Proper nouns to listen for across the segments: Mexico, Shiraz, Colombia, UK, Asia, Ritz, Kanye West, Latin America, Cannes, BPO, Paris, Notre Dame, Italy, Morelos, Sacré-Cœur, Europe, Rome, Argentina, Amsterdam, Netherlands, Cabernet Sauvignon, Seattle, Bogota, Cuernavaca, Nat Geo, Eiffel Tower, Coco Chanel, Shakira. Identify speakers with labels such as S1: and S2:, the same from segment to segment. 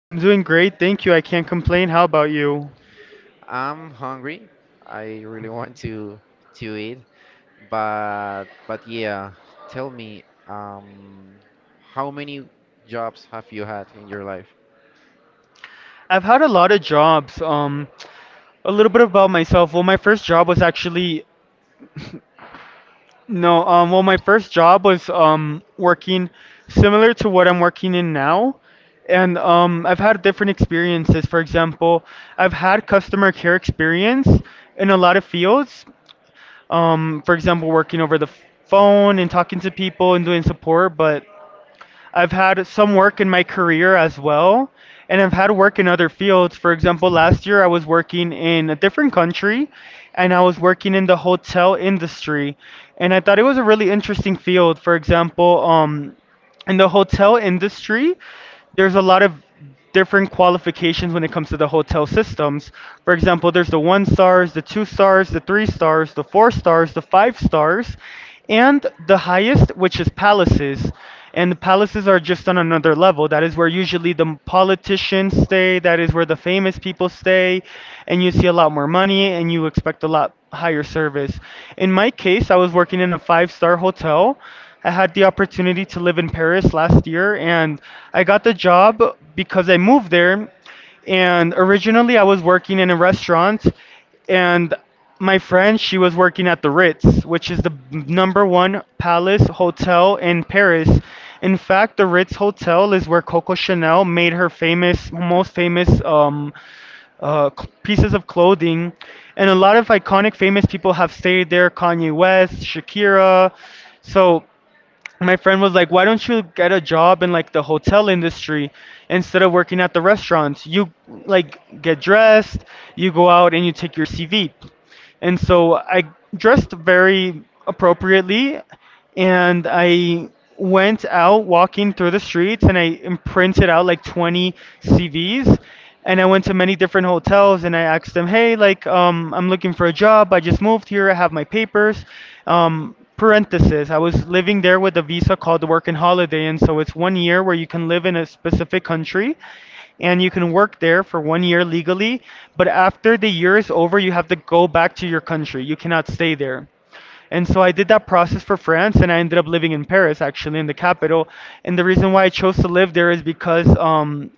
S1: I'm doing great, thank you. I can't complain. How about you?
S2: I'm hungry. I really want to eat, but yeah, tell me, how many jobs have you had in your life?
S1: I've had a lot of jobs. A little bit about myself. Well, my first job was actually no. Well, my first job was working similar to what I'm working in now, and I've had different experiences. For example, I've had customer care experience in a lot of fields. For example, working over the phone and talking to people and doing support, but I've had some work in my career as well, and I've had work in other fields. For example, last year I was working in a different country and I was working in the hotel industry, and I thought it was a really interesting field. For example, in the hotel industry, there's a lot of different qualifications when it comes to the hotel systems. For example, there's the one stars, the two stars, the three stars, the four stars, the five stars, and the highest, which is palaces. And the palaces are just on another level. That is where usually the politicians stay, that is where the famous people stay, and you see a lot more money and you expect a lot higher service. In my case, I was working in a five-star hotel. I had the opportunity to live in Paris last year, and I got the job because I moved there. And originally, I was working in a restaurant, and my friend, she was working at the Ritz, which is the number one palace hotel in Paris. In fact, the Ritz Hotel is where Coco Chanel made her famous, most famous pieces of clothing. And a lot of iconic, famous people have stayed there: Kanye West, Shakira. So my friend was like, "Why don't you get a job in like the hotel industry instead of working at the restaurants? You like get dressed, you go out and you take your CV." And so I dressed very appropriately and I went out walking through the streets and I imprinted out like 20 CVs, and I went to many different hotels and I asked them, "Hey, like I'm looking for a job. I just moved here. I have my papers." Parenthesis, I was living there with a visa called the work and holiday, and so it's one year where you can live in a specific country and you can work there for 1 year legally. But after the year is over, you have to go back to your country. You cannot stay there. And so I did that process for France, and I ended up living in Paris, actually, in the capital. And the reason why I chose to live there is because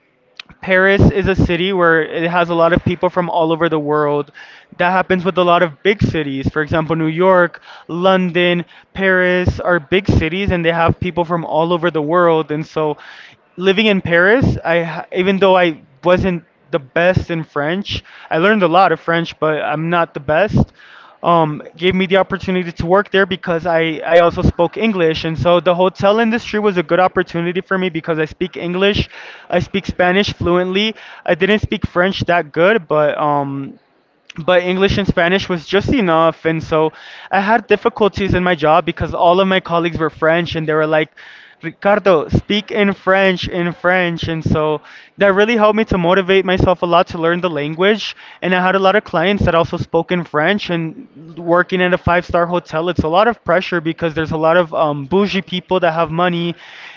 S1: Paris is a city where it has a lot of people from all over the world. That happens with a lot of big cities. For example, New York, London, Paris are big cities, and they have people from all over the world. And so living in Paris, even though I wasn't the best in French. I learned a lot of French, but I'm not the best. Gave me the opportunity to work there because I also spoke English. And so the hotel industry was a good opportunity for me because I speak English. I speak Spanish fluently. I didn't speak French that good, but English and Spanish was just enough. And so I had difficulties in my job because all of my colleagues were French and they were like, Ricardo, speak in French, in French. And so that really helped me to motivate myself a lot to learn the language. And I had a lot of clients that also spoke in French. And working at a five-star hotel, it's a lot of pressure because there's a lot of bougie people that have money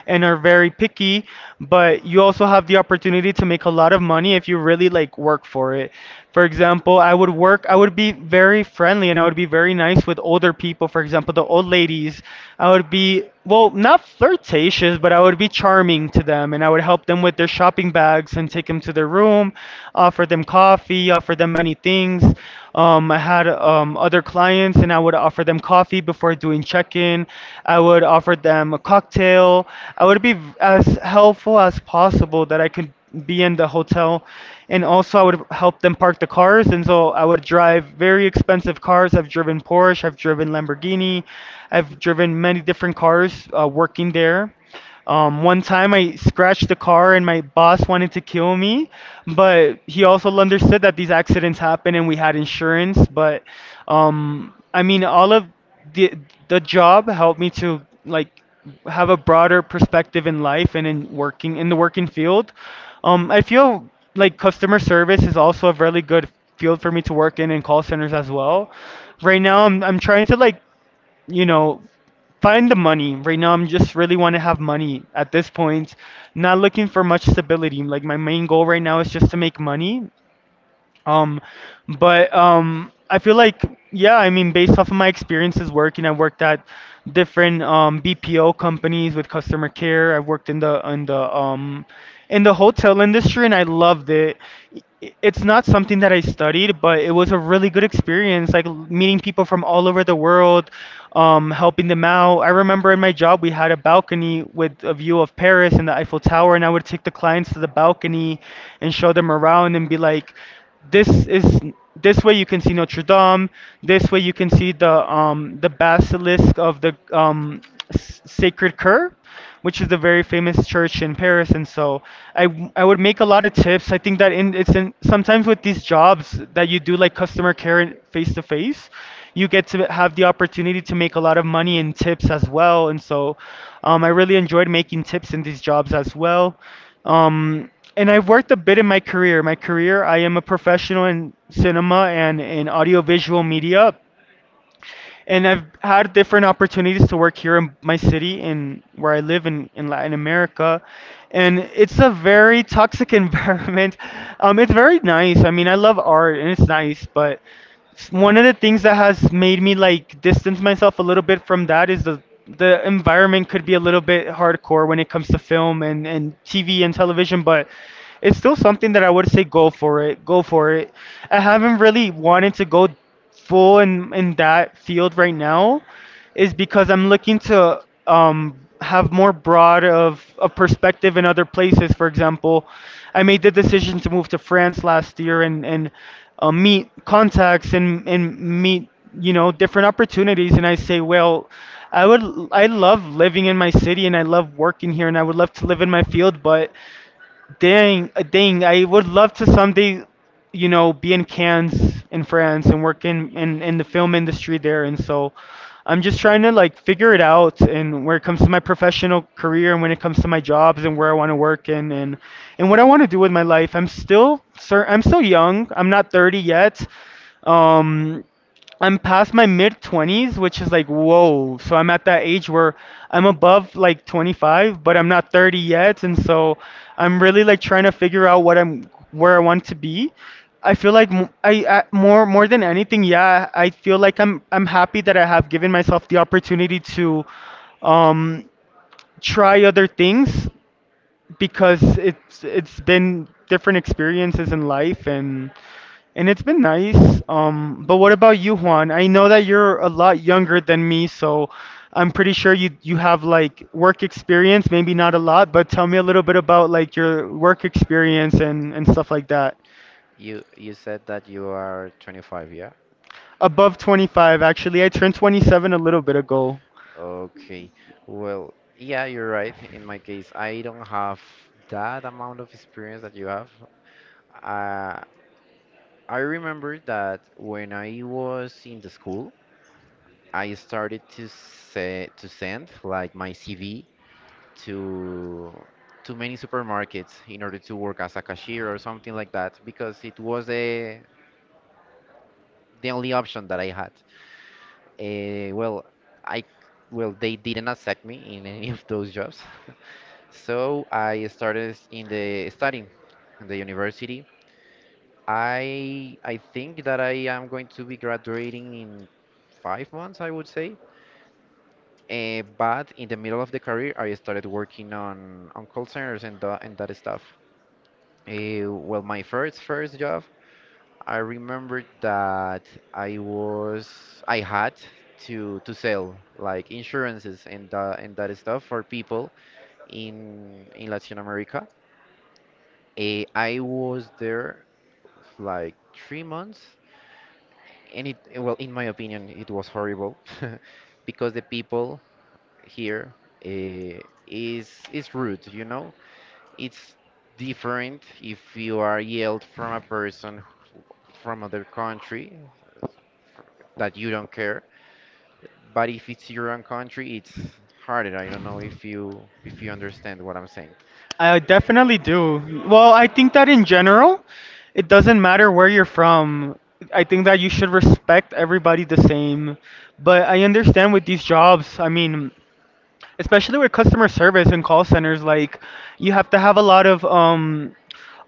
S1: and are very very picky, but you also have the opportunity to make a lot of money if you really like work for it. For example, I would be very friendly and I would be very nice with older people, for example, the old ladies. I would be, well, not flirtatious, but I would be charming to them and I would help them with their shopping bags and take them to their room, offer them coffee, offer them many things. I had other clients and I would offer them coffee before doing check-in. I would offer them a cocktail. I would be as helpful as possible that I could be in the hotel, and also I would help them park the cars, and so I would drive very expensive cars. I've driven Porsche, I've driven Lamborghini, I've driven many different cars working there. One time I scratched the car and my boss wanted to kill me, but he also understood that these accidents happen and we had insurance. But I mean, all of the the job helped me to like have a broader perspective in life and in working in the working field. I feel like customer service is also a really good field for me to work in and call centers as well. Right now, I'm trying to like you know, find the money. Right now, I'm just really want to have money at this point. Not looking for much stability. Like my main goal right now is just to make money, um, but I feel like yeah, I mean, based off of my experiences working, I worked at different BPO companies with customer care. I worked in the in the in the hotel industry, and I loved it. I- It's not something that I studied, but it was a really good experience, like meeting people from all over the world, helping them out. I remember in my job we had a balcony with a view of Paris and the Eiffel Tower, and I would take the clients to the balcony and show them around and be like, this is this way you can see Notre Dame. This way you can see the basilisk of the Sacred Cur, which is the very famous church in Paris. And so I would make a lot of tips. I think that in it's in sometimes with these jobs that you do like customer care and face to face, you get to have the opportunity to make a lot of money in tips as well. And so I really enjoyed making tips in these jobs as well. Um, and I've worked a bit in my career. My career, I am a professional in cinema and in audiovisual media, and I've had different opportunities to work here in my city in where I live in Latin America, and it's a very toxic environment. It's very nice. I mean, I love art and it's nice, but one of the things that has made me like distance myself a little bit from that is the environment could be a little bit hardcore when it comes to film and TV and television, but it's still something that I would say go for it. Go for it. I haven't really wanted to go full in that field right now is because I'm looking to have more broad of a perspective in other places. For example, I made the decision to move to France last year, and meet contacts and meet, you know, different opportunities. And I say, well, I would I love living in my city and I love working here and I would love to live in my field, but dang, dang! I would love to someday, you know, be in Cannes in France and work in the film industry there. And so, I'm just trying to like figure it out. And where it comes to my professional career, and when it comes to my jobs, and where I want to work, and what I want to do with my life. I'm still, sir, I'm still young. I'm not 30 yet. Um, I'm past my mid 20s, which is like, whoa. So I'm at that age where I'm above like 25, but I'm not 30 yet. And so I'm really like trying to figure out where I want to be. I feel like more than anything, yeah, I feel like I'm happy that I have given myself the opportunity to um, try other things because it's been different experiences in life, and it's been nice. But what about you, Juan? I know that you're a lot younger than me, so I'm pretty sure you have like work experience, maybe not a lot, but tell me a little bit about like your work experience and stuff like that.
S2: You said that you are 25, yeah?
S1: Above 25, actually, I turned 27 a little bit ago.
S2: Okay. Well, yeah, you're right. In my case, I don't have that amount of experience that you have. Uh, I remember that when I was in the school, I started to say to send like my CV to many supermarkets in order to work as a cashier or something like that because it was the only option that I had. Well, I well they didn't accept me in any of those jobs, so I started in the studying in the university. I think that I am going to be graduating in 5 months, I would say. But in the middle of the career, I started working on call centers and and that stuff. Well, my first job, I remember that I had to sell like insurances and that stuff for people in Latin America. I was there like 3 months, and it well, in my opinion, it was horrible because the people here uh, is rude, you know? It's different if you are yelled from a from other country f- that you don't care, but if it's your own country, it's harder. I don't know if you understand what I'm saying.
S1: I definitely do. Well, I think that in general, it doesn't matter where you're from. I think that you should respect everybody the same. But I understand with these jobs, I mean, especially with customer service and call centers, like you have to have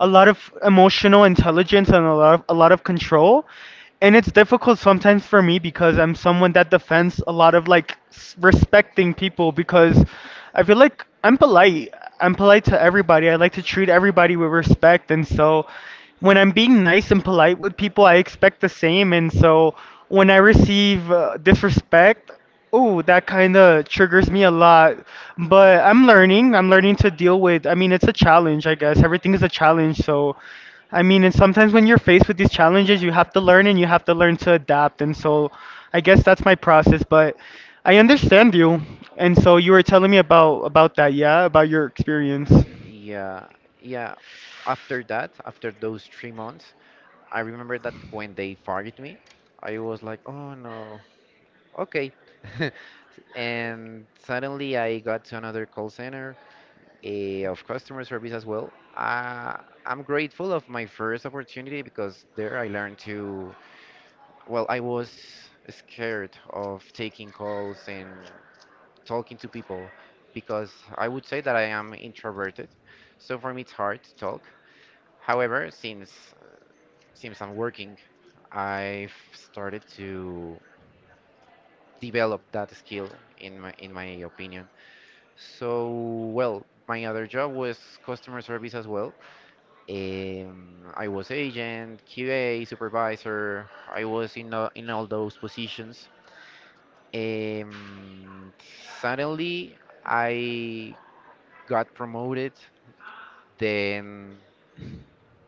S1: a lot of emotional intelligence and a lot of control, and it's difficult sometimes for me because I'm someone that defends a lot of like respecting people because I feel like I'm polite. I'm polite to everybody. I like to treat everybody with respect, and so when I'm being nice and polite with people, I expect the same. And so when I receive disrespect, oh, that kind of triggers me a lot, but I'm learning. I'm learning to deal with. I mean, it's a challenge, I guess. Everything is a challenge, so I mean, and sometimes when you're faced with these challenges, you have to learn and you have to learn to adapt. And so I guess that's my process, but I understand you. And so you were telling me about that, yeah, about your experience.
S2: Yeah, yeah. After that, after those 3 months, I remember that when they fired me, I was like, oh no, okay. And suddenly I got to another call center of customer service as well. I'm grateful of my first opportunity because there I learned to, well, I was scared of taking calls and talking to people because I would say that I am introverted. So for me it's hard to talk. However, since I'm working, I've started to develop that skill in my opinion. So, well, my other job was customer service as well. I was agent, QA, supervisor. I was in all those positions. Um, suddenly, I got promoted. Then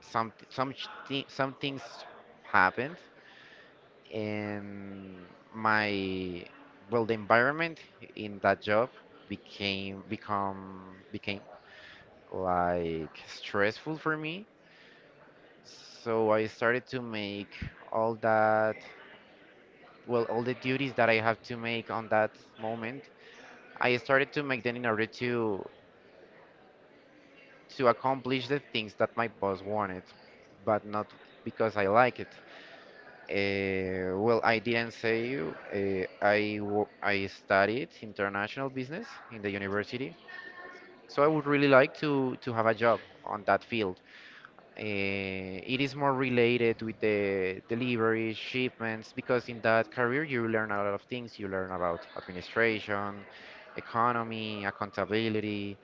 S2: some things happened, and my well, the environment in that job became like stressful for me. So I started to make all that, well, all the duties that I have to make on that moment. I started to make them in order to accomplish the things that my boss wanted, but not because I like it. Well, I didn't say I wo- I studied international business in the university, so I would really like to have a job on that field. Uh, it is more related with the delivery shipments because in that career you learn a lot of things. You learn about administration, economy, accountability,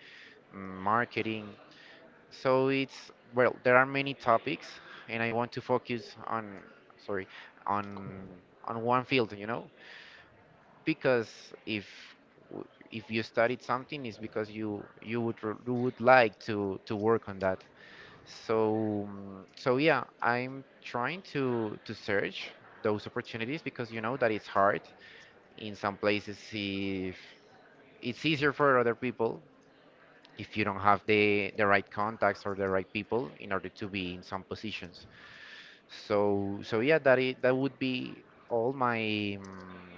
S2: marketing. So it's well, there are many topics, and I want to focus on sorry on one field, you know, because if you studied something, it's because you would you would like to work on that. So, so yeah, I'm trying to search those opportunities because you know that it's hard in some places if it's easier for other people if you don't have the right contacts or the right people in order to be in some positions. So, so yeah, that would be all my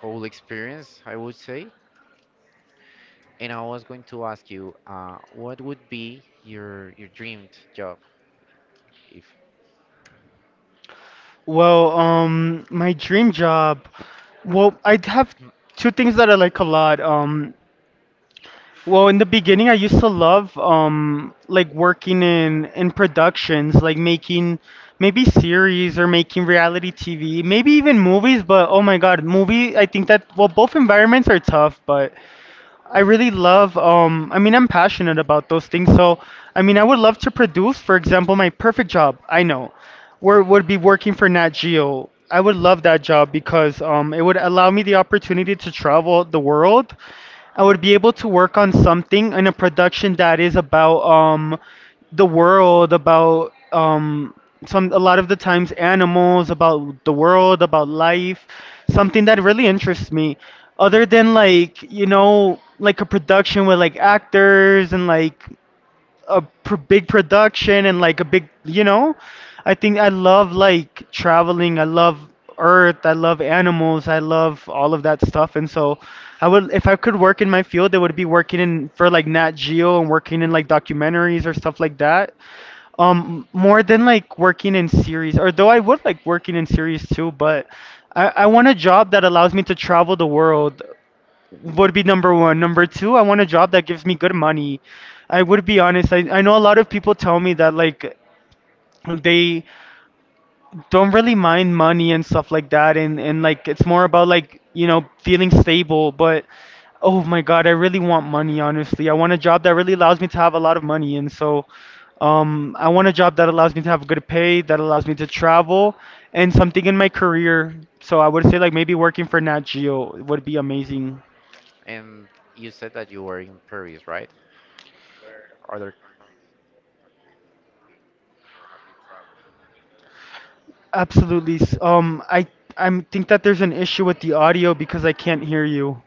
S2: whole experience, I would say. And I was going to ask you, what would be your dreamed job if?
S1: Well, my dream job. Well, I have two things that I like a lot. Well, in the beginning, I used to love like working in productions, like making maybe series or making reality TV, maybe even movies. But oh my God, movie, I think that, well, both environments are tough, but I really love, I mean, I'm passionate about those things. So, I mean, I would love to produce, for example. My perfect job, I know, where would be working for Nat Geo. I would love that job
S2: Oh.
S1: because it would allow me the opportunity to travel the world. I would be able to work on something in a production that is about, the world, about, some a lot of the times animals, about the world, about life, something that really interests me, other than like, you know, like a production with like actors and like big production and like a big, you know. I think I love like traveling, I love earth, I love animals, I love all of that stuff. And so I would, if I could work in my field, it would be working in for like Nat Geo and working in like documentaries or stuff like that. More than like working in series, or though I would like working in series too, but I want a job that allows me to travel the world would be number one. Number two, I want a job that gives me good money. I would be honest. I know a lot of people tell me that like they don't really mind money and stuff like that, and like it's more about like, you know, feeling stable. But oh my god, I really want money, honestly. I want a job that really allows me to have a lot of money. And so I want a job that allows me to have good pay, that allows me to travel and something in my career. So I would say like maybe working for Nat Geo would be amazing.
S2: And you said that you were in Paris, right? Other country,
S1: Absolutely. I think that there's an issue with the audio because I can't hear you.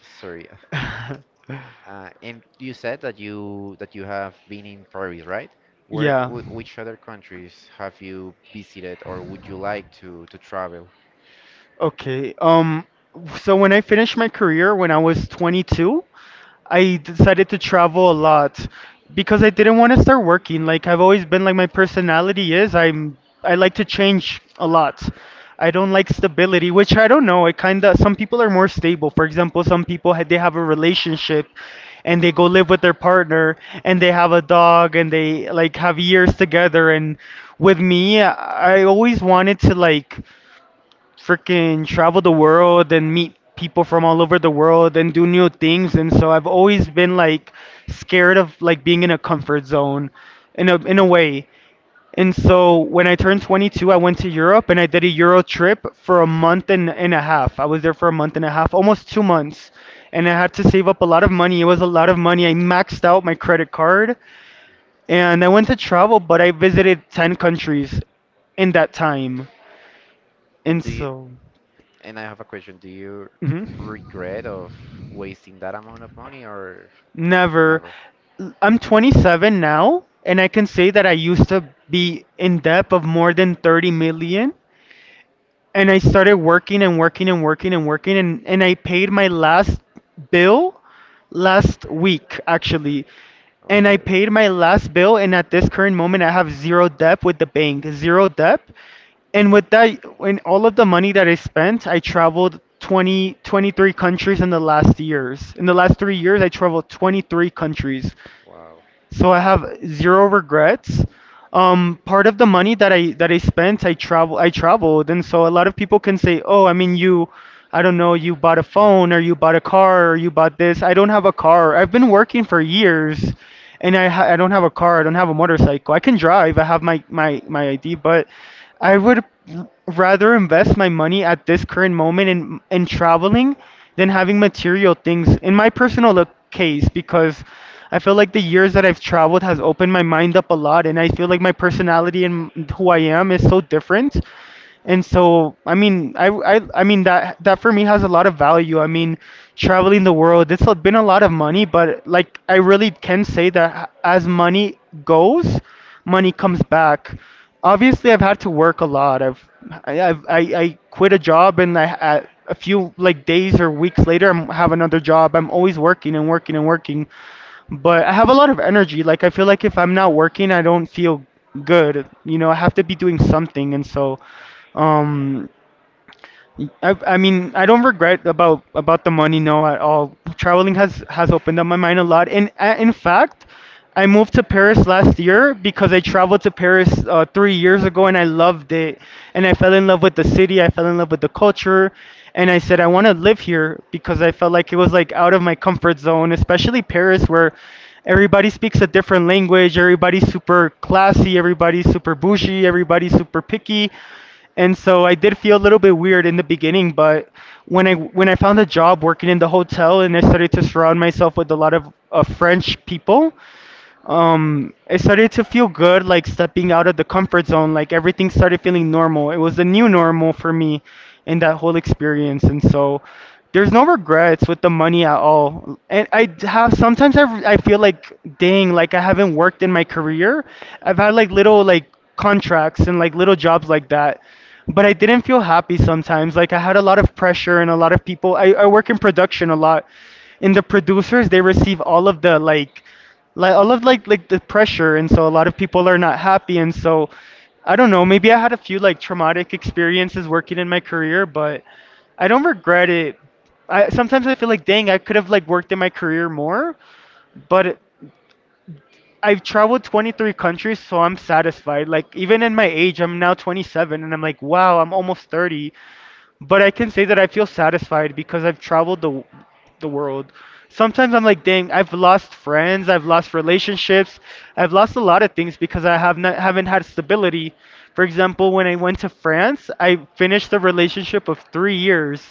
S2: sorry. And you said that you have been in Paris, right? Where,
S1: yeah.
S2: wh which other countries have you visited, or would you like to travel?
S1: Okay. So when I finished my career when I was 22, I decided to travel a lot because I didn't want to start working. Like I've always been like, my personality is, I'm, I like to change a lot. I don't like stability, which I don't know. It kind of, some people are more stable. For example, some people they have a relationship and they go live with their partner and they have a dog and they like have years together. And with me, I always wanted to like freaking travel the world and meet people from all over the world and do new things. And so I've always been like scared of like being in a comfort zone, in a way. And so when I turned 22, I went to Europe and I did a Euro trip for a month and a half. I was there for a month and a half, almost 2 months. And I had to save up a lot of money. It was a lot of money. I maxed out my credit card and I went to travel, but I visited 10 countries in that time.
S2: And
S1: And
S2: do you,
S1: so,
S2: and I have a question. Do you
S1: mhm.
S2: regret of wasting that amount of money, or
S1: Never.
S2: never?
S1: I'm 27 now, and I can say that I used to be in debt of more than 30 million, and I started working and working and working and working. And I paid my last bill last week, actually. And I
S2: Okay.
S1: paid my last bill, and at this current moment I have zero debt with the bank, zero debt. And with that and all of the money that I spent, I traveled 20 23 countries in the last years. In the last 3 years I traveled 23 countries.
S2: Wow.
S1: So I have zero regrets. Part of the money that I spent, I traveled. And so a lot of people can say, "Oh, I mean, you, I don't know, you bought a phone or you bought a car or you bought this." I don't have a car. I've been working for years, and I don't have a car. I don't have a motorcycle. I can drive. I have my ID, but I would rather invest my money at this current moment in traveling than having material things in my personal case, because I feel like the years that I've traveled has opened my mind up a lot, and I feel like my personality and who I am is so different. And so, I mean, I mean that for me has a lot of value. I mean, traveling the world, it's been a lot of money, but like I really can say that as money goes, money comes back. Obviously, I've had to work a lot. I quit a job, and I a few like days or weeks later, I have another job. I'm always working and working and working, but I have a lot of energy. Like I feel like if I'm not working, I don't feel good. You know, I have to be doing something. And so um I mean, I don't regret about the money, no, at all. Traveling has opened up my mind a lot, and in fact, I moved to Paris last year because I traveled to Paris 3 years ago, and I loved it, and I fell in love with the city. I fell in love with the culture, and I said I want to live here because I felt like it was like out of my comfort zone, especially Paris, where everybody speaks a different language, everybody's super classy, everybody's super bougie, everybody's super picky. And so I did feel a little bit weird in the beginning. But when I found a job working in the hotel and I started to surround myself with a lot of French people, it started to feel good, like stepping out of the comfort zone. Like everything started feeling normal. It was the new normal for me in that whole experience. And so there's no regrets with the money at all. And I d- have sometimes I feel like, dang, like I haven't worked in my career. I've had like little like contracts and like little jobs like that, but I didn't feel happy sometimes. Like I had a lot of pressure and a lot of people, I work in production a lot, and the producers, they receive all of the like I love like the pressure, and so a lot of people are not happy. And so I don't know. Maybe I had a few like traumatic experiences working in my career, but I don't regret it. I sometimes I feel like, dang, I could have like worked in my career more, but I've traveled 23 countries, so I'm satisfied. Like even in my age, I'm now 27, and I'm like, wow, I'm almost 30. But I can say that I feel satisfied because I've traveled the world. Sometimes I'm like, dang, I've lost friends, I've lost relationships, I've lost a lot of things because I haven't had stability. For example, when I went to France, I finished a relationship of 3 years,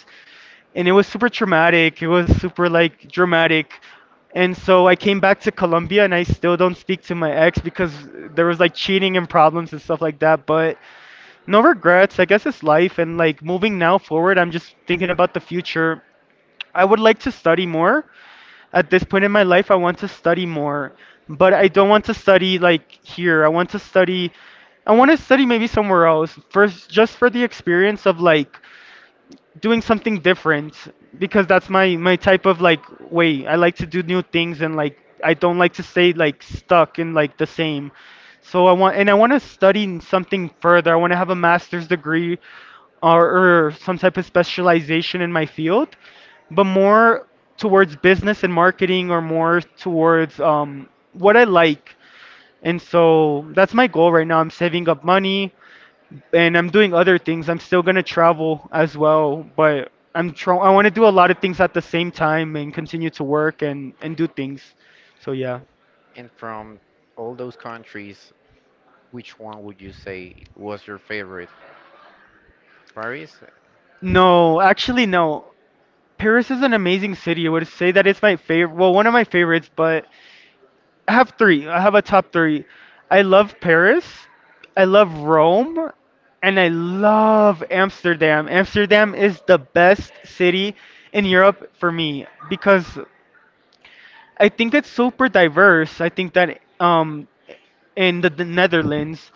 S1: and it was super traumatic. It was super like dramatic. And so I came back to Colombia and I still don't speak to my ex because there was like cheating and problems and stuff like that. But no regrets. I guess it's life, and like moving now forward, I'm just thinking about the future. I would like to study more. At this point in my life, I want to study more, but I don't want to study like here. I want to study. I want to study maybe somewhere else first, just for the experience of like doing something different because that's my type of like way. I like to do new things and like I don't like to stay like stuck in like the same. I want to study something further. I want to have a master's degree or some type of specialization in my field, but more towards business and marketing or more towards what I like. And so that's my goal right now. I'm saving up money and I'm doing other things. I'm still gonna travel as well, but I want to do a lot of things at the same time and continue to work and do things. So yeah.
S2: And from all those countries, which one would you say was your favorite? Paris?
S1: No, actually no. Paris is an amazing city. I would say that it's my favorite, well, one of my favorites, but I have three. I have a top three. I love Paris. I love Rome. And I love Amsterdam. Amsterdam is the best city in Europe for me because I think it's super diverse. I think that, in the Netherlands,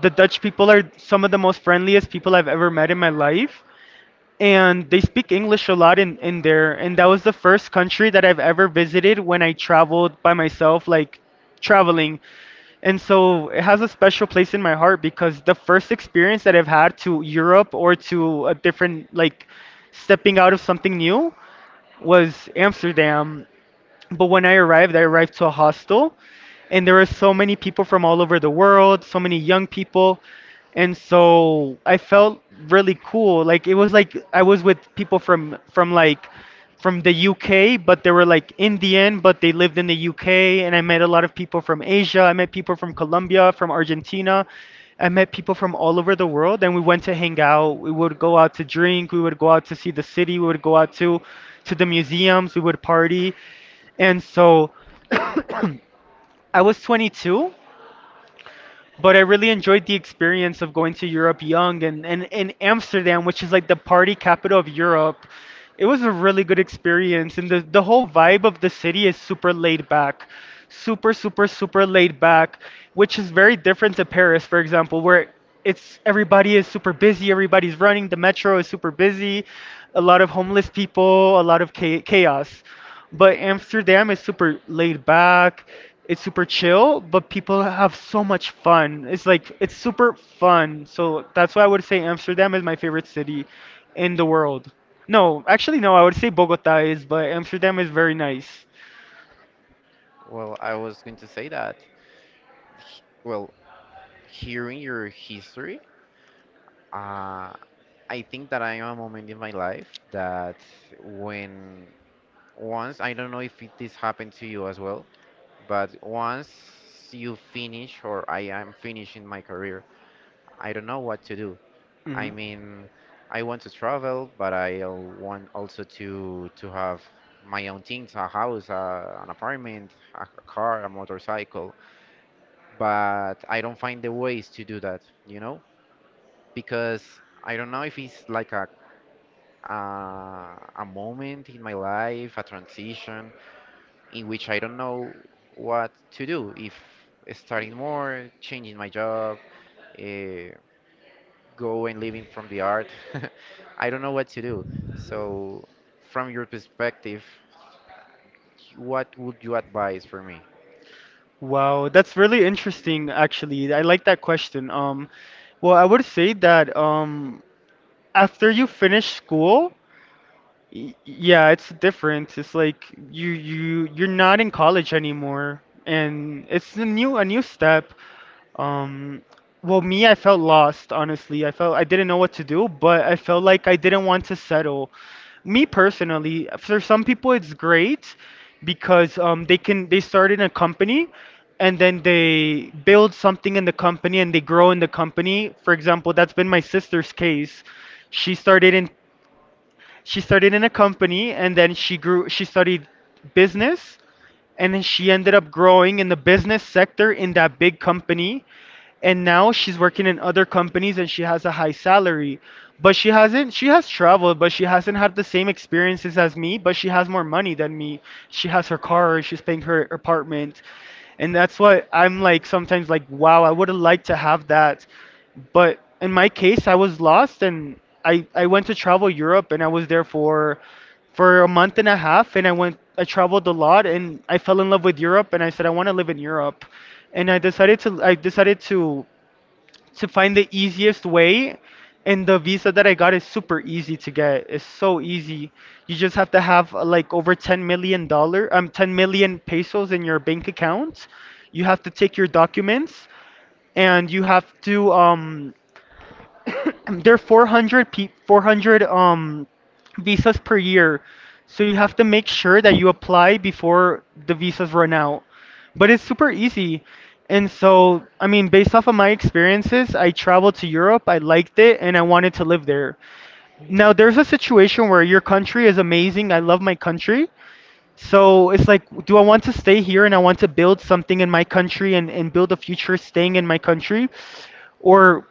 S1: the Dutch people are some of the most friendliest people I've ever met in my life. And they speak English a lot in there. And that was the first country that I've ever visited when I traveled by myself, like traveling. And so it has a special place in my heart because the first experience that I've had to Europe or to a different, like stepping out of something new was Amsterdam. But when I arrived to a hostel, and there were so many people from all over the world, so many young people, and so I felt really cool. Like it was like I was with people from like from the UK, but they were like Indian, but they lived in the UK, and I met a lot of people from Asia. I met people from Colombia, from Argentina. I met people from all over the world, and we went to hang out. We would go out to drink. We would go out to see the city. We would go out to the museums. We would party, and so I was 22, but I really enjoyed the experience of going to Europe young, and Amsterdam, which is like the party capital of Europe. It was a really good experience, and the whole vibe of the city is super laid back. Super laid back, which is very different to Paris, for example, where it's everybody is super busy, everybody's running, the metro is super busy, a lot of homeless people, a lot of chaos. But Amsterdam is super laid back. It's super chill, but people have so much fun. It's like it's super fun. So that's why I would say Amsterdam is my favorite city in the world. No, actually no, I would say Bogota is, but Amsterdam is very nice.
S2: Well, I was going to say that. Well, hearing your history, uh, I think that I am a moment in my life that when once, I don't know if it, this happened to you as well, but once you finish or I am finishing my career, I don't know what to do. I mean, I want to travel, but I want also to have my own things, a house, an apartment, a car, a motorcycle. But I don't find the ways to do that, you know? Because I don't know if it's like a, a moment in my life, a transition in which I don't know what to do. If starting more, changing my job, uh, go and living from the art, I don't know what to do. So, from your perspective, what would you advise for me?
S1: Wow, that's really interesting actually. I like that question. Well, I would say that, after you finish school, yeah, it's different. It's like you you're not in college anymore, and it's a new step. Um, well, me, I felt lost, honestly. I felt I didn't know what to do, but I felt like I didn't want to settle. Me personally, for some people, it's great because, they can they start in a company and then they build something in the company and they grow in the company. For example, that's been my sister's case. She started in she started in a company and then she studied business and then she ended up growing in the business sector in that big company, and now she's working in other companies and she has a high salary, but she hasn't she has traveled, but she hasn't had the same experiences as me, but she has more money than me. She has her car, she's paying her apartment, and that's why I'm like sometimes like, wow, I would have liked to have that. But in my case, I was lost, and I went to travel Europe, and I was there for a month and a half, and I traveled a lot and I fell in love with Europe, and I said I want to live in Europe. And I decided to find the easiest way, and the visa that I got is super easy to get. It's so easy. You just have to have like over 10 million dollars, 10 million pesos in your bank account. You have to take your documents, and you have to, um, they're 400 pe 400, um, visas per year. So you have to make sure that you apply before the visas run out. But it's super easy. And so, I mean, based off of my experiences, I traveled to Europe, I liked it, and I wanted to live there. Now, there's a situation where your country is amazing. I love my country. So it's like, do I want to stay here and I want to build something in my country and build a future staying in my country? Or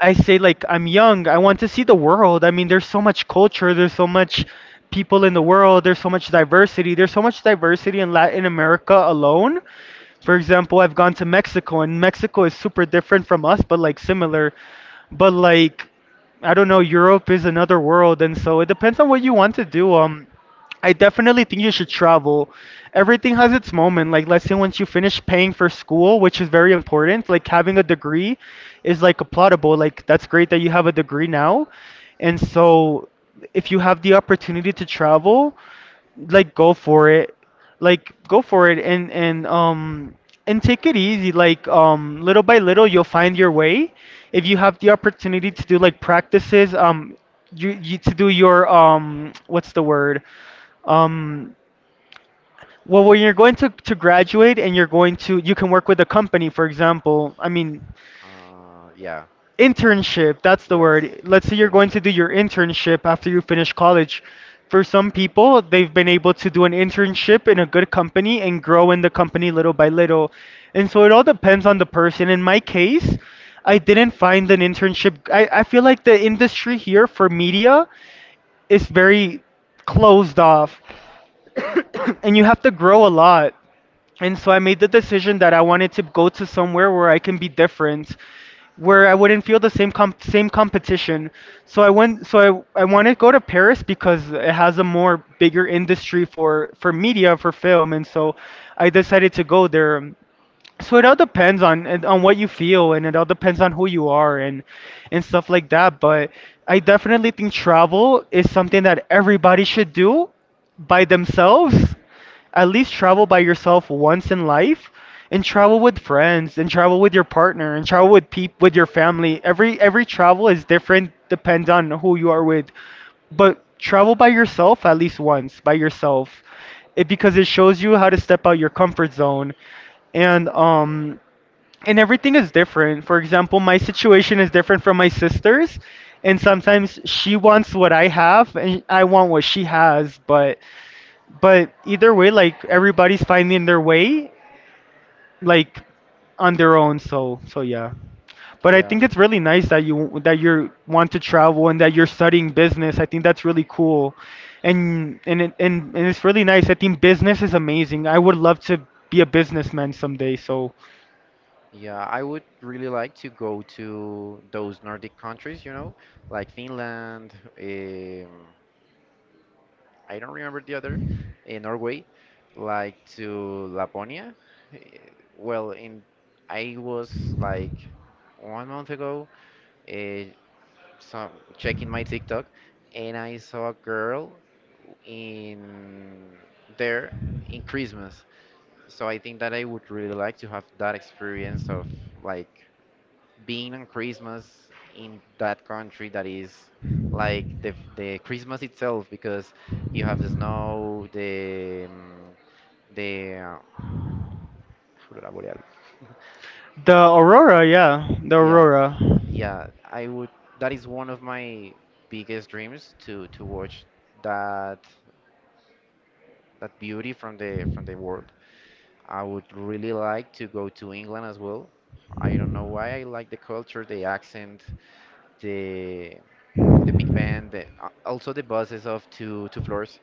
S1: I say like I'm young. I want to see the world. I mean, there's so much culture. There's so much people in the world. There's so much diversity. There's so much diversity in Latin America alone. For example, I've gone to Mexico, and Mexico is super different from us, but like similar. But like, I don't know. Europe is another world, and so it depends on what you want to do. I definitely think you should travel. Everything has its moment. Like, let's say once you finish paying for school, which is very important, like having a degree is like applaudable. Like, that's great that you have a degree now. And so, if you have the opportunity to travel, like go for it, like go for it and and um and take it easy, like, little by little you'll find your way. If you have the opportunity to do like practices, you to do your, what's the word, um, well, when you're going to graduate and you're going to, you can work with a company, for example. I mean,
S2: Yeah. Yes, internship.
S1: internship,
S2: Uh-huh.
S1: that's the word. Let's
S2: Yeah.
S1: say you're going to do your internship after you finish college. For some people, they've been able to do an internship in a good company and grow in the company little by little. And so it all depends on the person. In my case, I didn't find an internship. I feel like the industry here for media is very closed off and you have to grow a lot. And so I made the decision that I wanted to go to somewhere where I can be different, where I wouldn't feel the same competition. So I went. So I wanted to go to Paris because it has a more bigger industry for media for film, and so I decided to go there. So it all depends on on what you feel, and it all depends on who you are, and stuff like that. But I definitely think travel is something that everybody should do by themselves. At least travel by yourself once in life, and travel with friends, and travel with your partner, and travel with peop with your family. Every travel is different, depends on who you are with. But travel by yourself, at least once by yourself, because it shows you how to step out your comfort zone, and, and everything is different. For example, my situation is different from my sister's, and sometimes she wants what I have, and I want what she has. But either way, like everybody's finding their way, like, on their own. So yeah. But I think it's really nice that you want to travel and that you're studying business. I think that's really cool, and it's really nice. I think business is amazing. I would love to be a businessman someday. So
S2: Yeah, I would really like to go to those Nordic countries, you know, like Finland, um, I don't remember the other, in Norway, like to Laponia. Eh, Well, in I was like 1 month ago, uh, so checking my TikTok, and I saw a girl in there in Christmas. So I think that I would really like to have that experience of like being on Christmas in that country that is like the Christmas itself because you have the snow, the the uh, aurora boreal.
S1: the
S2: Yeah,
S1: Aurora.
S2: yeah. I would. That is one of my biggest dreams to watch that that beauty from the world. I would really like to go to England as well. I don't know why I like the culture, the accent, the big band, the, also the buses of two floors.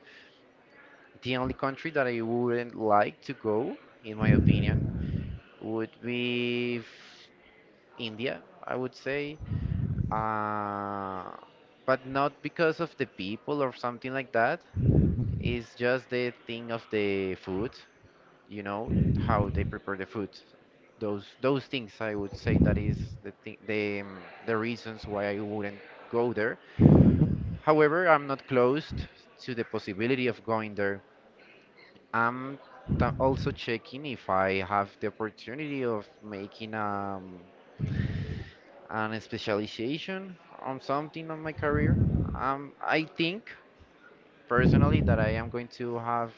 S2: The only country that I wouldn't like to go, in my opinion, would be India. I would say, uh, but not because of the people or something like that. It's just the thing of the food. You know how they prepare the food. Those things I would say that is the thing, the reasons why I wouldn't go there. However, I'm not closed to the possibility of going there. I'm also checking if I have the opportunity of making an specialization on something on my career. I think personally that I am going to have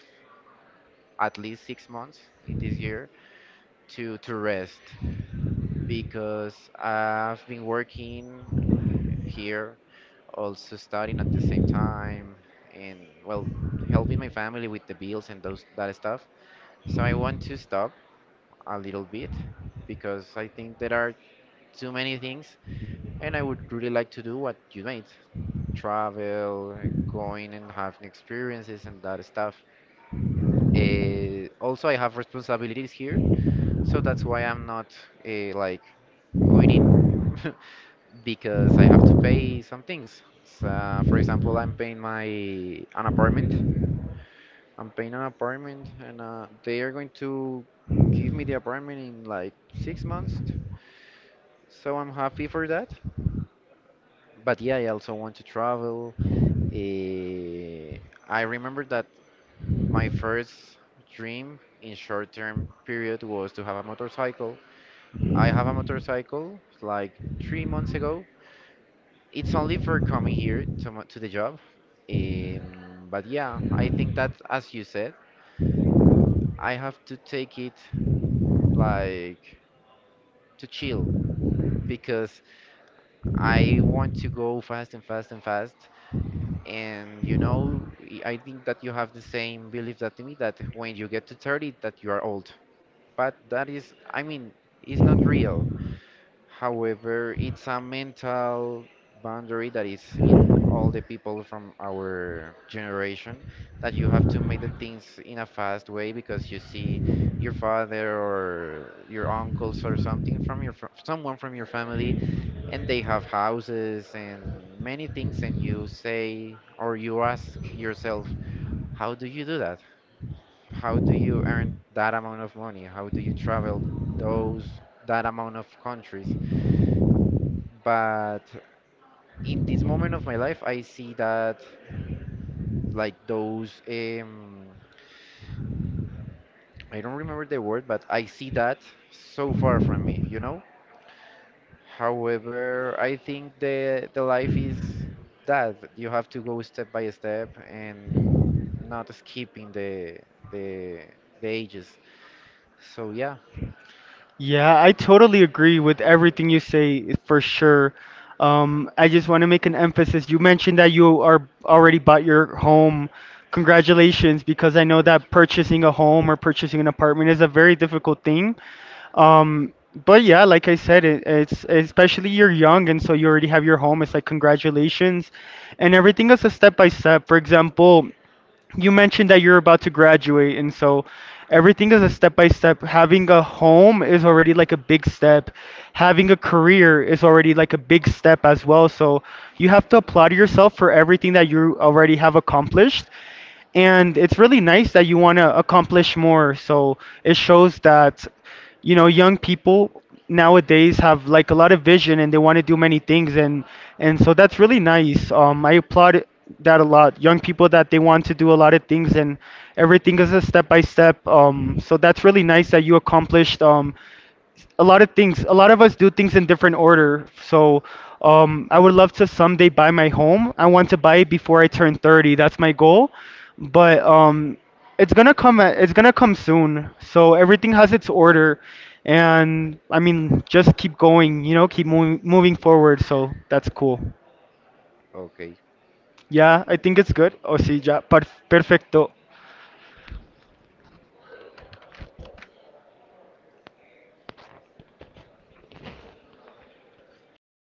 S2: at least 6 months in this year to rest because I've been working here, also studying at the same time, and well, helping my family with the bills and those that stuff. So I want to stop a little bit because I think there are too many things and I would really like to do what you made. Travel, going and having experiences and that stuff. Also, I have responsibilities here, so that's why I'm not like quitting because I have to pay some things. So, for example, I'm paying my an apartment. I'm paying an apartment, and they are going to give me the apartment in like 6 months. So I'm happy for that. But yeah, I also want to travel. Eh, I remember that my first dream in short-term period was to have a motorcycle. I have a motorcycle like 3 months ago. It's only for coming here to, to the job. But yeah, I think that, as you said, I have to take it like to chill because I want to go fast and fast and fast. And you know, I think that you have the same belief that me that when you get to 30 that you are old. But that is, I mean, it's not real. However, it's a mental boundary that is in all the people from our generation that you have to make the things in a fast way because you see your father or your uncles or something from your fr someone from your family and they have houses and many things and you say or you ask yourself how do you do that, how do you earn that amount of money, how do you travel those that amount of countries, but in this moment of my life I see that like those I don't remember the word but I see that so far from me, you know. However, I think the life is that you have to go step by step and not skipping the the ages. So yeah,
S1: Yeah, I totally agree with everything you say for sure. I just want to make an emphasis. You mentioned that you are already bought your home. Congratulations, because I know
S2: thank
S1: that
S2: you.
S1: purchasing a home or purchasing an apartment is a very difficult thing. Um, but yeah, like I said, it's especially you're young, and so you already have your home. It's like congratulations, and everything is a step by step. For example, you mentioned that you're about to graduate, and so everything is a step by step. Having a home is already like a big step, having a career is already like a big step as well. So you have to applaud yourself for everything that you already have accomplished, and it's really nice that you want to accomplish more. So it shows that, you know, young people nowadays have like a lot of vision and they want to do many things, and so that's really nice. I applaud that a lot. Young people that they want to do a lot of things, and everything is a step by step. So that's really nice that you accomplished, um, a lot of things. A lot of us do things in different order. So, I would love to someday buy my home. I want to buy it before I turn 30. That's my goal. But, it's gonna come. It's gonna come soon. So everything has its order, and I mean, just keep going. You know, keep moving forward. So that's cool.
S2: Okay.
S1: Yeah, I think it's good. O sí, ya, perfecto.